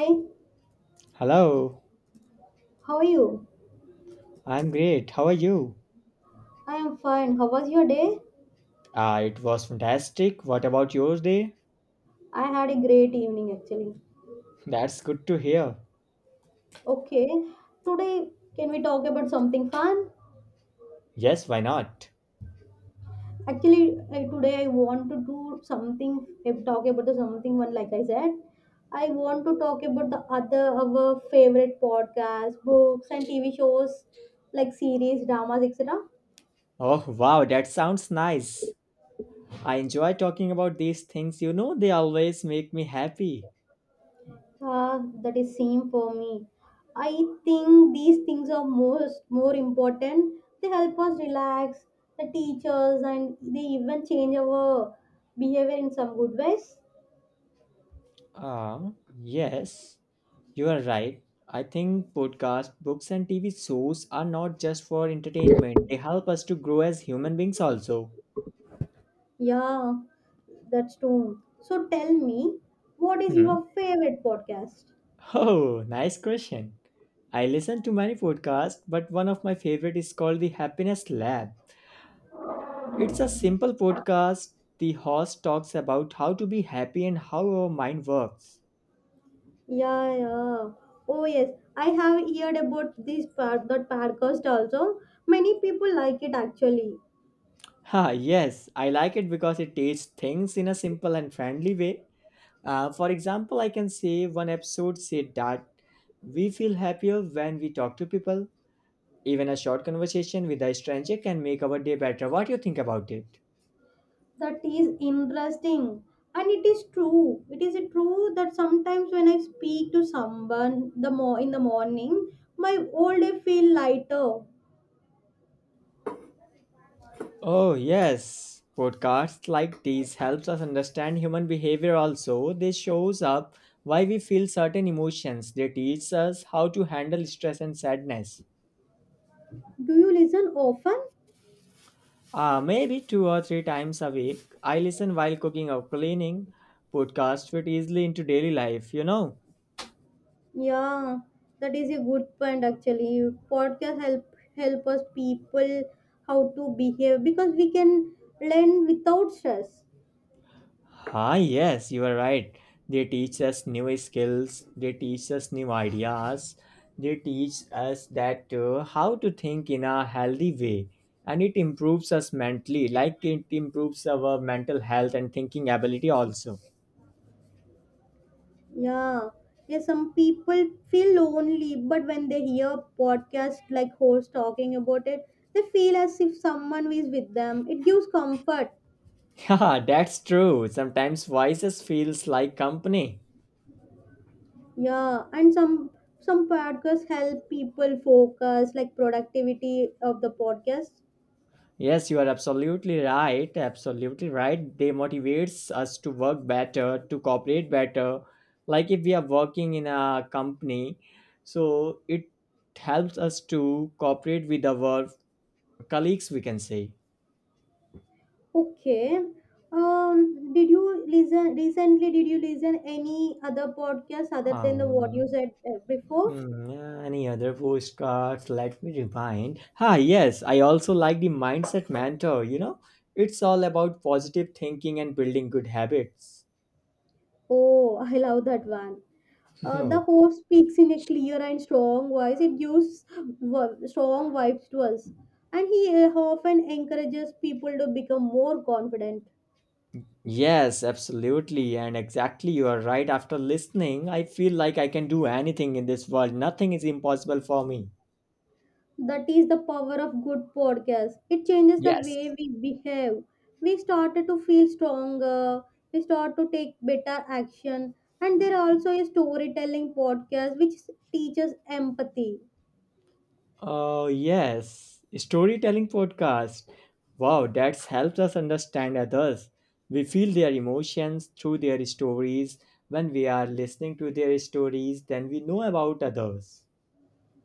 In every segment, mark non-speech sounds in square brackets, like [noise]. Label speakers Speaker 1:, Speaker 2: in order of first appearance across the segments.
Speaker 1: Hi,
Speaker 2: Hello,
Speaker 1: how are you?
Speaker 2: I'm great. How are you?
Speaker 1: I am fine. How was your day?
Speaker 2: Ah, it was fantastic. What about yours day?
Speaker 1: I had a great evening actually.
Speaker 2: That's good to hear.
Speaker 1: Okay, today can we talk about something fun?
Speaker 2: Yes, why not?
Speaker 1: Actually, today I want to do something, talk about the something one like I said. I want to talk about the other our favorite podcasts, books, and TV shows like series, dramas, etc.
Speaker 2: Oh, wow, that sounds nice. I enjoy talking about these things. You know, they always make me happy.
Speaker 1: That is same for me. I think these things are most more important. They help us relax, the teachers, and they even change our behavior in some good ways.
Speaker 2: Ah, yes, you are right. I think podcasts, books, and TV shows are not just for entertainment, they help us to grow as human beings also.
Speaker 1: Yeah, that's true. So tell me, what is
Speaker 2: Hmm.
Speaker 1: your favorite podcast?
Speaker 2: Oh, nice question. I listen to many podcasts, but one of my favorite is called The Happiness Lab. It's a simple podcast. The host talks about how to be happy and how our mind works.
Speaker 1: Yeah, yeah. Oh yes, I have heard about that podcast also. Many people like it actually.
Speaker 2: Ha, yes, I like it because it teaches things in a simple and friendly way. For example, I can say one episode said that we feel happier when we talk to people. Even a short conversation with a stranger can make our day better. What do you think about it?
Speaker 1: That is interesting, and it is true, that sometimes when I speak to someone, the more in the morning, my whole day feel lighter.
Speaker 2: Oh yes, podcasts like these helps us understand human behavior also. They shows up why we feel certain emotions. They teach us how to handle stress and sadness.
Speaker 1: Do you listen often?
Speaker 2: Maybe two or three times a week, I listen while cooking or cleaning. Podcasts fit easily into daily life, you know.
Speaker 1: Yeah, that is a good point actually. Podcast help us people how to behave, because we can learn without stress.
Speaker 2: Ah, yes, you are right. They teach us new skills, they teach us new ideas, they teach us that, how to think in a healthy way, and it improves us mentally, like it improves our mental health and thinking ability also.
Speaker 1: Yeah. Yeah, some people feel lonely, but when they hear a podcast like host talking about it, they feel as if someone is with them. It gives comfort.
Speaker 2: [laughs] Yeah, that's true. Sometimes voices feels like company.
Speaker 1: Yeah, and some podcasts help people focus, like productivity of the podcast.
Speaker 2: Yes, you are absolutely right. Absolutely right. They motivates us to work better, to cooperate better. Like if we are working in a company, so it helps us to cooperate with our colleagues, we can say.
Speaker 1: Okay. Did you listen recently? Did you listen any other podcast other than the what you
Speaker 2: Um,
Speaker 1: said before?
Speaker 2: yeah, any other postcards? Let me remind. Ah, yes, I also like the mindset mentor. You know, it's all about positive thinking and building good habits.
Speaker 1: Oh, [laughs] I love that one. The
Speaker 2: [laughs]
Speaker 1: host speaks in a clear and strong voice. It gives strong vibes to us. And he often encourages people to become more confident.
Speaker 2: Yes, absolutely. And exactly, you are right. After listening, I feel like I can do anything in this world. Nothing is impossible for me.
Speaker 1: That is the power of good podcast. It changes the
Speaker 2: Yes.
Speaker 1: way we behave. We started to feel stronger. We start to take better action. And there also is storytelling podcast which teaches empathy.
Speaker 2: Oh, yes. Storytelling podcast. Wow, that's helped us understand others. We feel their emotions through their stories. When we are listening to their stories, then we know about others.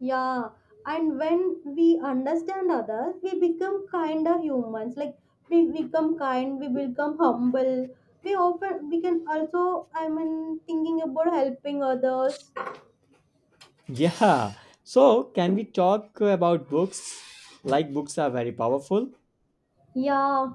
Speaker 1: Yeah, and when we understand others, we become kinder humans. Like we become kind, we become humble. We can also I mean thinking about helping others.
Speaker 2: Yeah. So, can we talk about books? Like, books are very powerful.
Speaker 1: Yeah,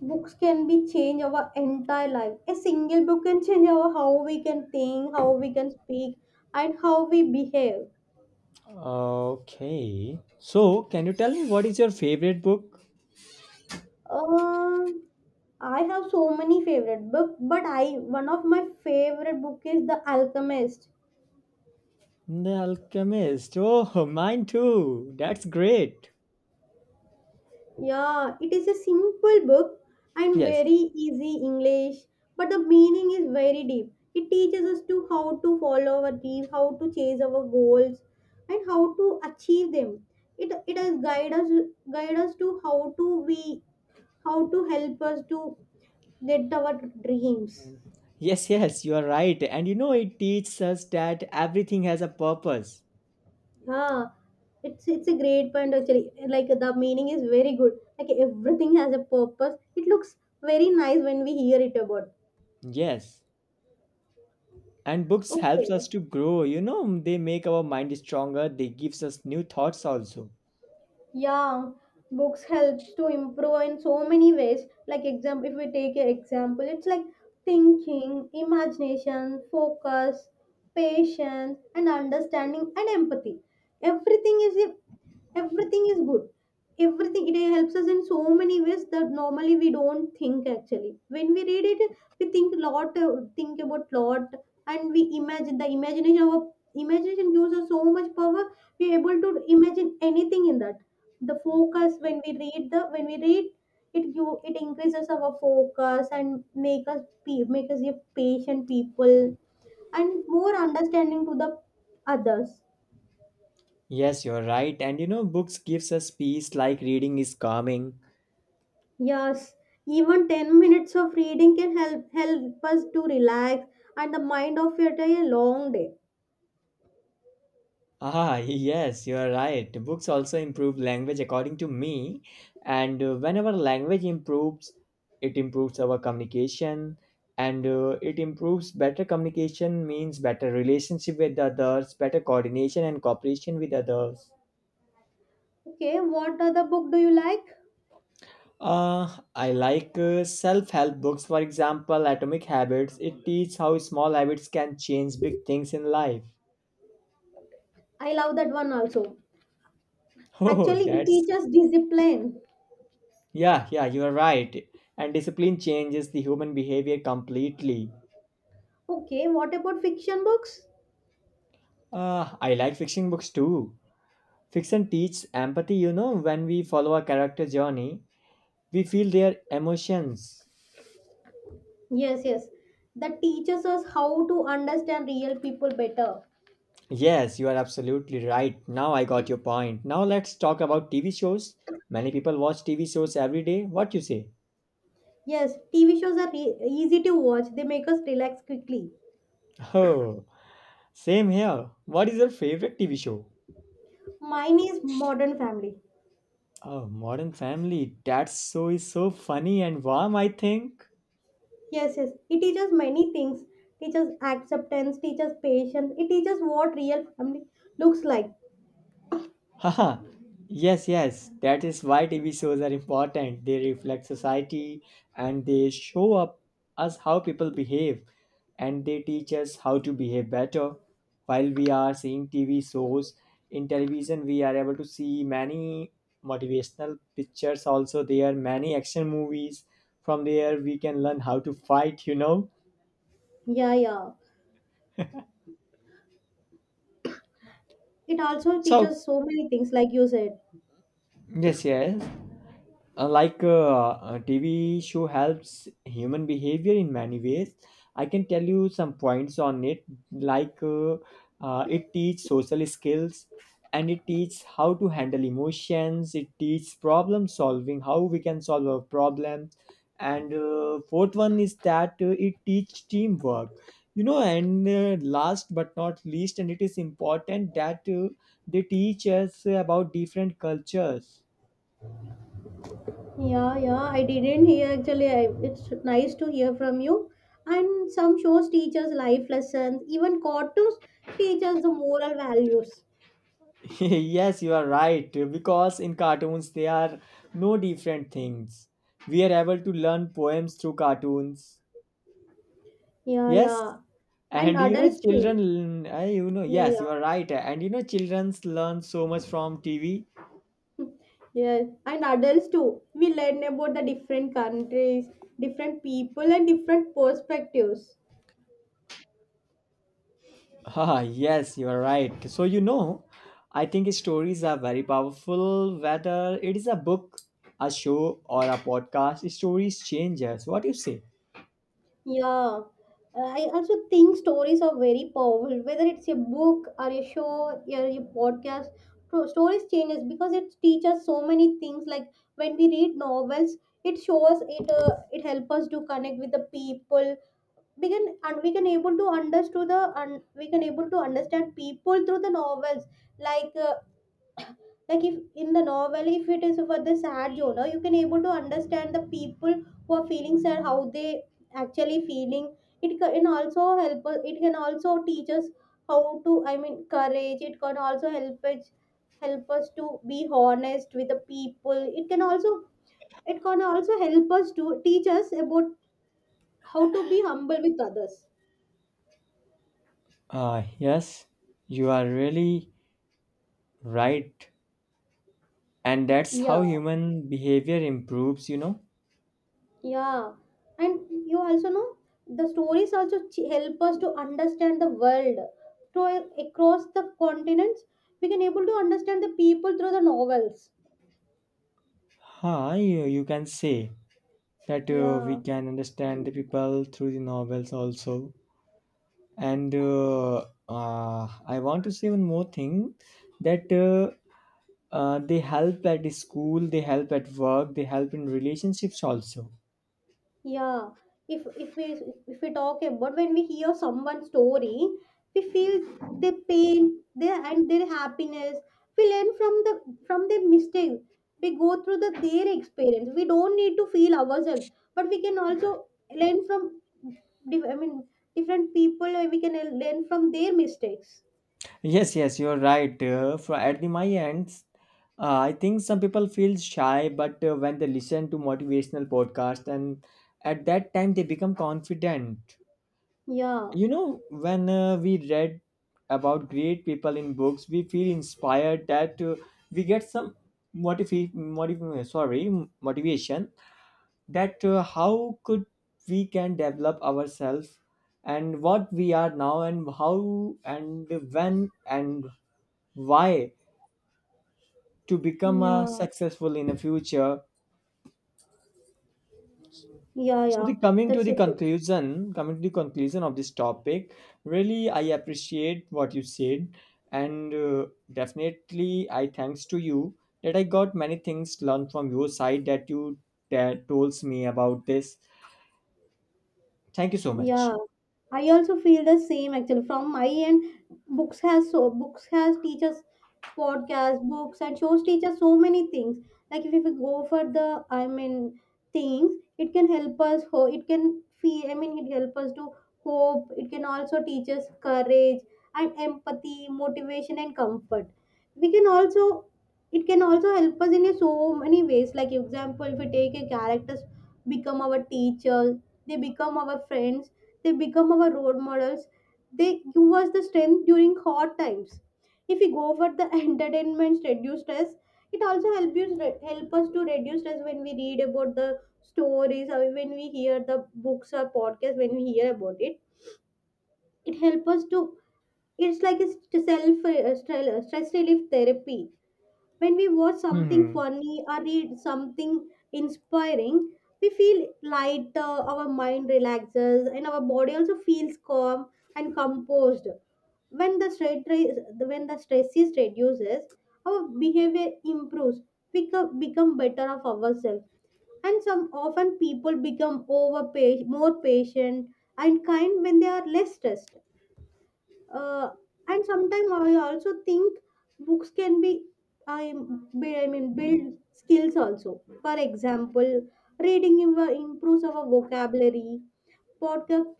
Speaker 1: books can be change our entire life. A single book can change our how we can think, how we can speak, and how we behave.
Speaker 2: Okay. So, can you tell me what is your favorite book?
Speaker 1: Um, I have so many favorite book, but I one of my favorite book is The Alchemist.
Speaker 2: The Alchemist. Oh, [laughs] mine too. That's great.
Speaker 1: Yeah, it is a simple book and
Speaker 2: Yes.
Speaker 1: very easy English, but the meaning is very deep. It teaches us to how to follow our dream, how to chase our goals, and how to achieve them. It has guide us to how to we how to help us to get our dreams.
Speaker 2: Yes, yes, you are right. And you know it teaches us that everything has a purpose.
Speaker 1: Yeah, it's a great point actually. Like the meaning is very good. Like everything has a purpose. It looks very nice when we hear it about.
Speaker 2: Yes. And books helps us
Speaker 1: Okay.
Speaker 2: to grow, you know, they make our mind stronger, they gives us new thoughts also.
Speaker 1: Yeah, books helps to improve in so many ways. Like example, if we take an example, it's like thinking, imagination, focus, patience, and understanding and empathy. everything is Everything is good. Everything, it helps us in so many ways that normally we don't think actually. When we read it, we think lot, think about lot. And we imagine the imagination of imagination gives us so much power. We are able to imagine anything in that. The focus when we read the when we read it, you, it increases our focus and make us make us a patient people and more understanding to the others.
Speaker 2: Yes, you're right. And you know, books gives us peace like reading is calming.
Speaker 1: Yes, even 10 minutes of reading can help us to relax and the mind of it a long day.
Speaker 2: Ah, [laughs] yes, you are right. Books also improve language according to me. And whenever language improves, it improves our communication. And it improves better communication means better relationship with others, better coordination and cooperation with others.
Speaker 1: Okay, what other book do you like?
Speaker 2: I like self-help books, for example, Atomic Habits. It teaches how small habits can change big things in life. [laughs]
Speaker 1: I love that one also.
Speaker 2: Oh,
Speaker 1: Actually it
Speaker 2: that's.
Speaker 1: teaches discipline.
Speaker 2: Yeah, yeah, you are right. And discipline changes the human behavior completely.
Speaker 1: Okay, what about fiction books?
Speaker 2: Ah, I like fiction books too. Fiction teaches empathy, you know, when we follow a character journey, we feel their emotions.
Speaker 1: Yes, yes. That teaches us how to understand real people better.
Speaker 2: Yes, you are absolutely right. Now I got your point. Now let's talk about TV shows. Many people watch TV shows every day. What you say?
Speaker 1: Yes, TV shows are easy to watch. They make us relax quickly.
Speaker 2: [laughs] Oh, same here. What is your favorite TV show?
Speaker 1: Mine is Modern Family.
Speaker 2: Oh, Modern Family. That show is so funny and warm, I think.
Speaker 1: Yes, yes. It teaches many things. Teaches acceptance, teaches patience. It teaches what real family looks like.
Speaker 2: Haha. Yes, yes. That is why TV shows are important. They reflect society and they show up us how people behave and they teach us how to behave better. While we are seeing TV shows in television, we are able to see many motivational pictures also there, are many action movies. From there we can learn how to fight, you know.
Speaker 1: Yeah, yeah. It also
Speaker 2: So
Speaker 1: teaches so many things, like you said.
Speaker 2: yes, yes. Like a TV show helps human behavior in many ways. I can tell you some points on it. Like it teaches social skills, and it teaches how to handle emotions. It teaches problem solving, how we can solve a problem. And fourth one is that, it teaches teamwork. You know, and last but not least, and it is important that, they teach us about different cultures.
Speaker 1: Yeah, yeah, I didn't hear actually. It's nice to hear from you. And some shows teaches life lessons, even cartoons teaches the moral values.
Speaker 2: [laughs] Yes, you are right. Because in cartoons, there are no different things. We are able to learn poems through cartoons.
Speaker 1: Yeah,
Speaker 2: Yes,
Speaker 1: yeah. And
Speaker 2: and you know,
Speaker 1: adults too. Yeah,
Speaker 2: yes,
Speaker 1: yeah.
Speaker 2: you are right. And you know, childrens learn so much from TV. [laughs]
Speaker 1: Yeah. And adults too. We learn about the different countries, different people, and different perspectives.
Speaker 2: Ah, yes, you are right. So you know, I think stories are very powerful. Whether it is a book, a show, or a podcast, stories change us. What do you say?
Speaker 1: Yeah. I also think stories are very powerful. Whether it's a book or a show or a podcast, stories changes, because it teaches so many things. Like when we read novels, it shows it it help us to connect with the people. We can able to understand the and we can able to understand people through the novels. Like uh, like if in the novel, if it is for the sad genre, you can able to understand the people who are feeling sad, how they actually feeling. It can also help us, it can also teach us how to, I mean, courage. It can also help us to be honest with the people. It can also help us to teach us about how to be humble with others.
Speaker 2: Ah, yes, you are really right. And that's how
Speaker 1: Yeah.
Speaker 2: human behavior improves, you know.
Speaker 1: Yeah, and you also know the stories also help us to understand the world. To across the continents, we can able to understand the people through the novels.
Speaker 2: Huh, you can say that, we
Speaker 1: Yeah.
Speaker 2: can understand the people through the novels also. And I want to say one more thing, that they help at the school, they help at work, they help in relationships also.
Speaker 1: Yeah, if if we if we talk about when we hear someone's story, we feel their pain, their happiness. We learn from their mistakes. We go through their experience. We don't need to feel ourselves, but we can also learn from dif- I mean, different people, and we can learn from their mistakes.
Speaker 2: Yes, yes, you're right. For at the my ends, I think some people feel shy, but when they listen to motivational podcast and at that time they become confident.
Speaker 1: Yeah,
Speaker 2: You know, when we read about great people in books, we feel inspired that, we get some motiv- motiv- sorry motivation, that how could we can develop ourselves, and what we are now and how and when and why to become
Speaker 1: yeah,
Speaker 2: successful in the future.
Speaker 1: yeah,
Speaker 2: So
Speaker 1: yeah.
Speaker 2: the coming to
Speaker 1: That's
Speaker 2: the
Speaker 1: a good.
Speaker 2: conclusion, coming to the conclusion of this topic, really I appreciate what you said, and definitely I thanks to you that I got many things learned from your side that you told me about this. Thank you so much.
Speaker 1: Yeah, I also feel the same actually. From my end, books has teachers, podcasts, books, and shows teach us so many things. Like if we go for the, I mean, things, it can help us ho it can feel, I mean, it help us to hope. It can also teach us courage and empathy, motivation, and comfort. We can also it can also help us in a so many ways. Like example, if we take a characters become our teacher, they become our friends, they become our role models, they give us the strength during hard times. If we go for the [laughs] entertainments, reduce stress. It also help us to reduce stress when we read about the stories, or when we hear the books or podcasts, when we hear about it, it helps us to, it's like a self stress relief therapy. When we watch something
Speaker 2: Hmm.
Speaker 1: funny or read something inspiring, we feel lighter, our mind relaxes, and our body also feels calm and composed. When the stress when the stress is reduces, our behavior improves. We become better of ourselves, and some often people become more patient and kind when they are less stressed. uh, and sometimes I also think books can be, I build skills also. For example, reading improves our vocabulary, podcast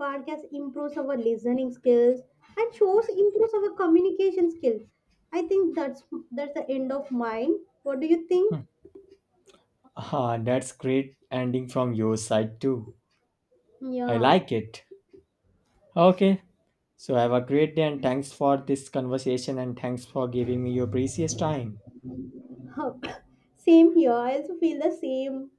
Speaker 1: podcast improves our listening skills, and shows improves our communication skills. I think that's the end of mine. What do you think?
Speaker 2: Ah, that's great ending from your side too. I
Speaker 1: Yeah,
Speaker 2: like it. Okay. So have a great day and thanks for this conversation and thanks for giving me your precious time.
Speaker 1: [laughs] [coughs] same here. I also feel the same.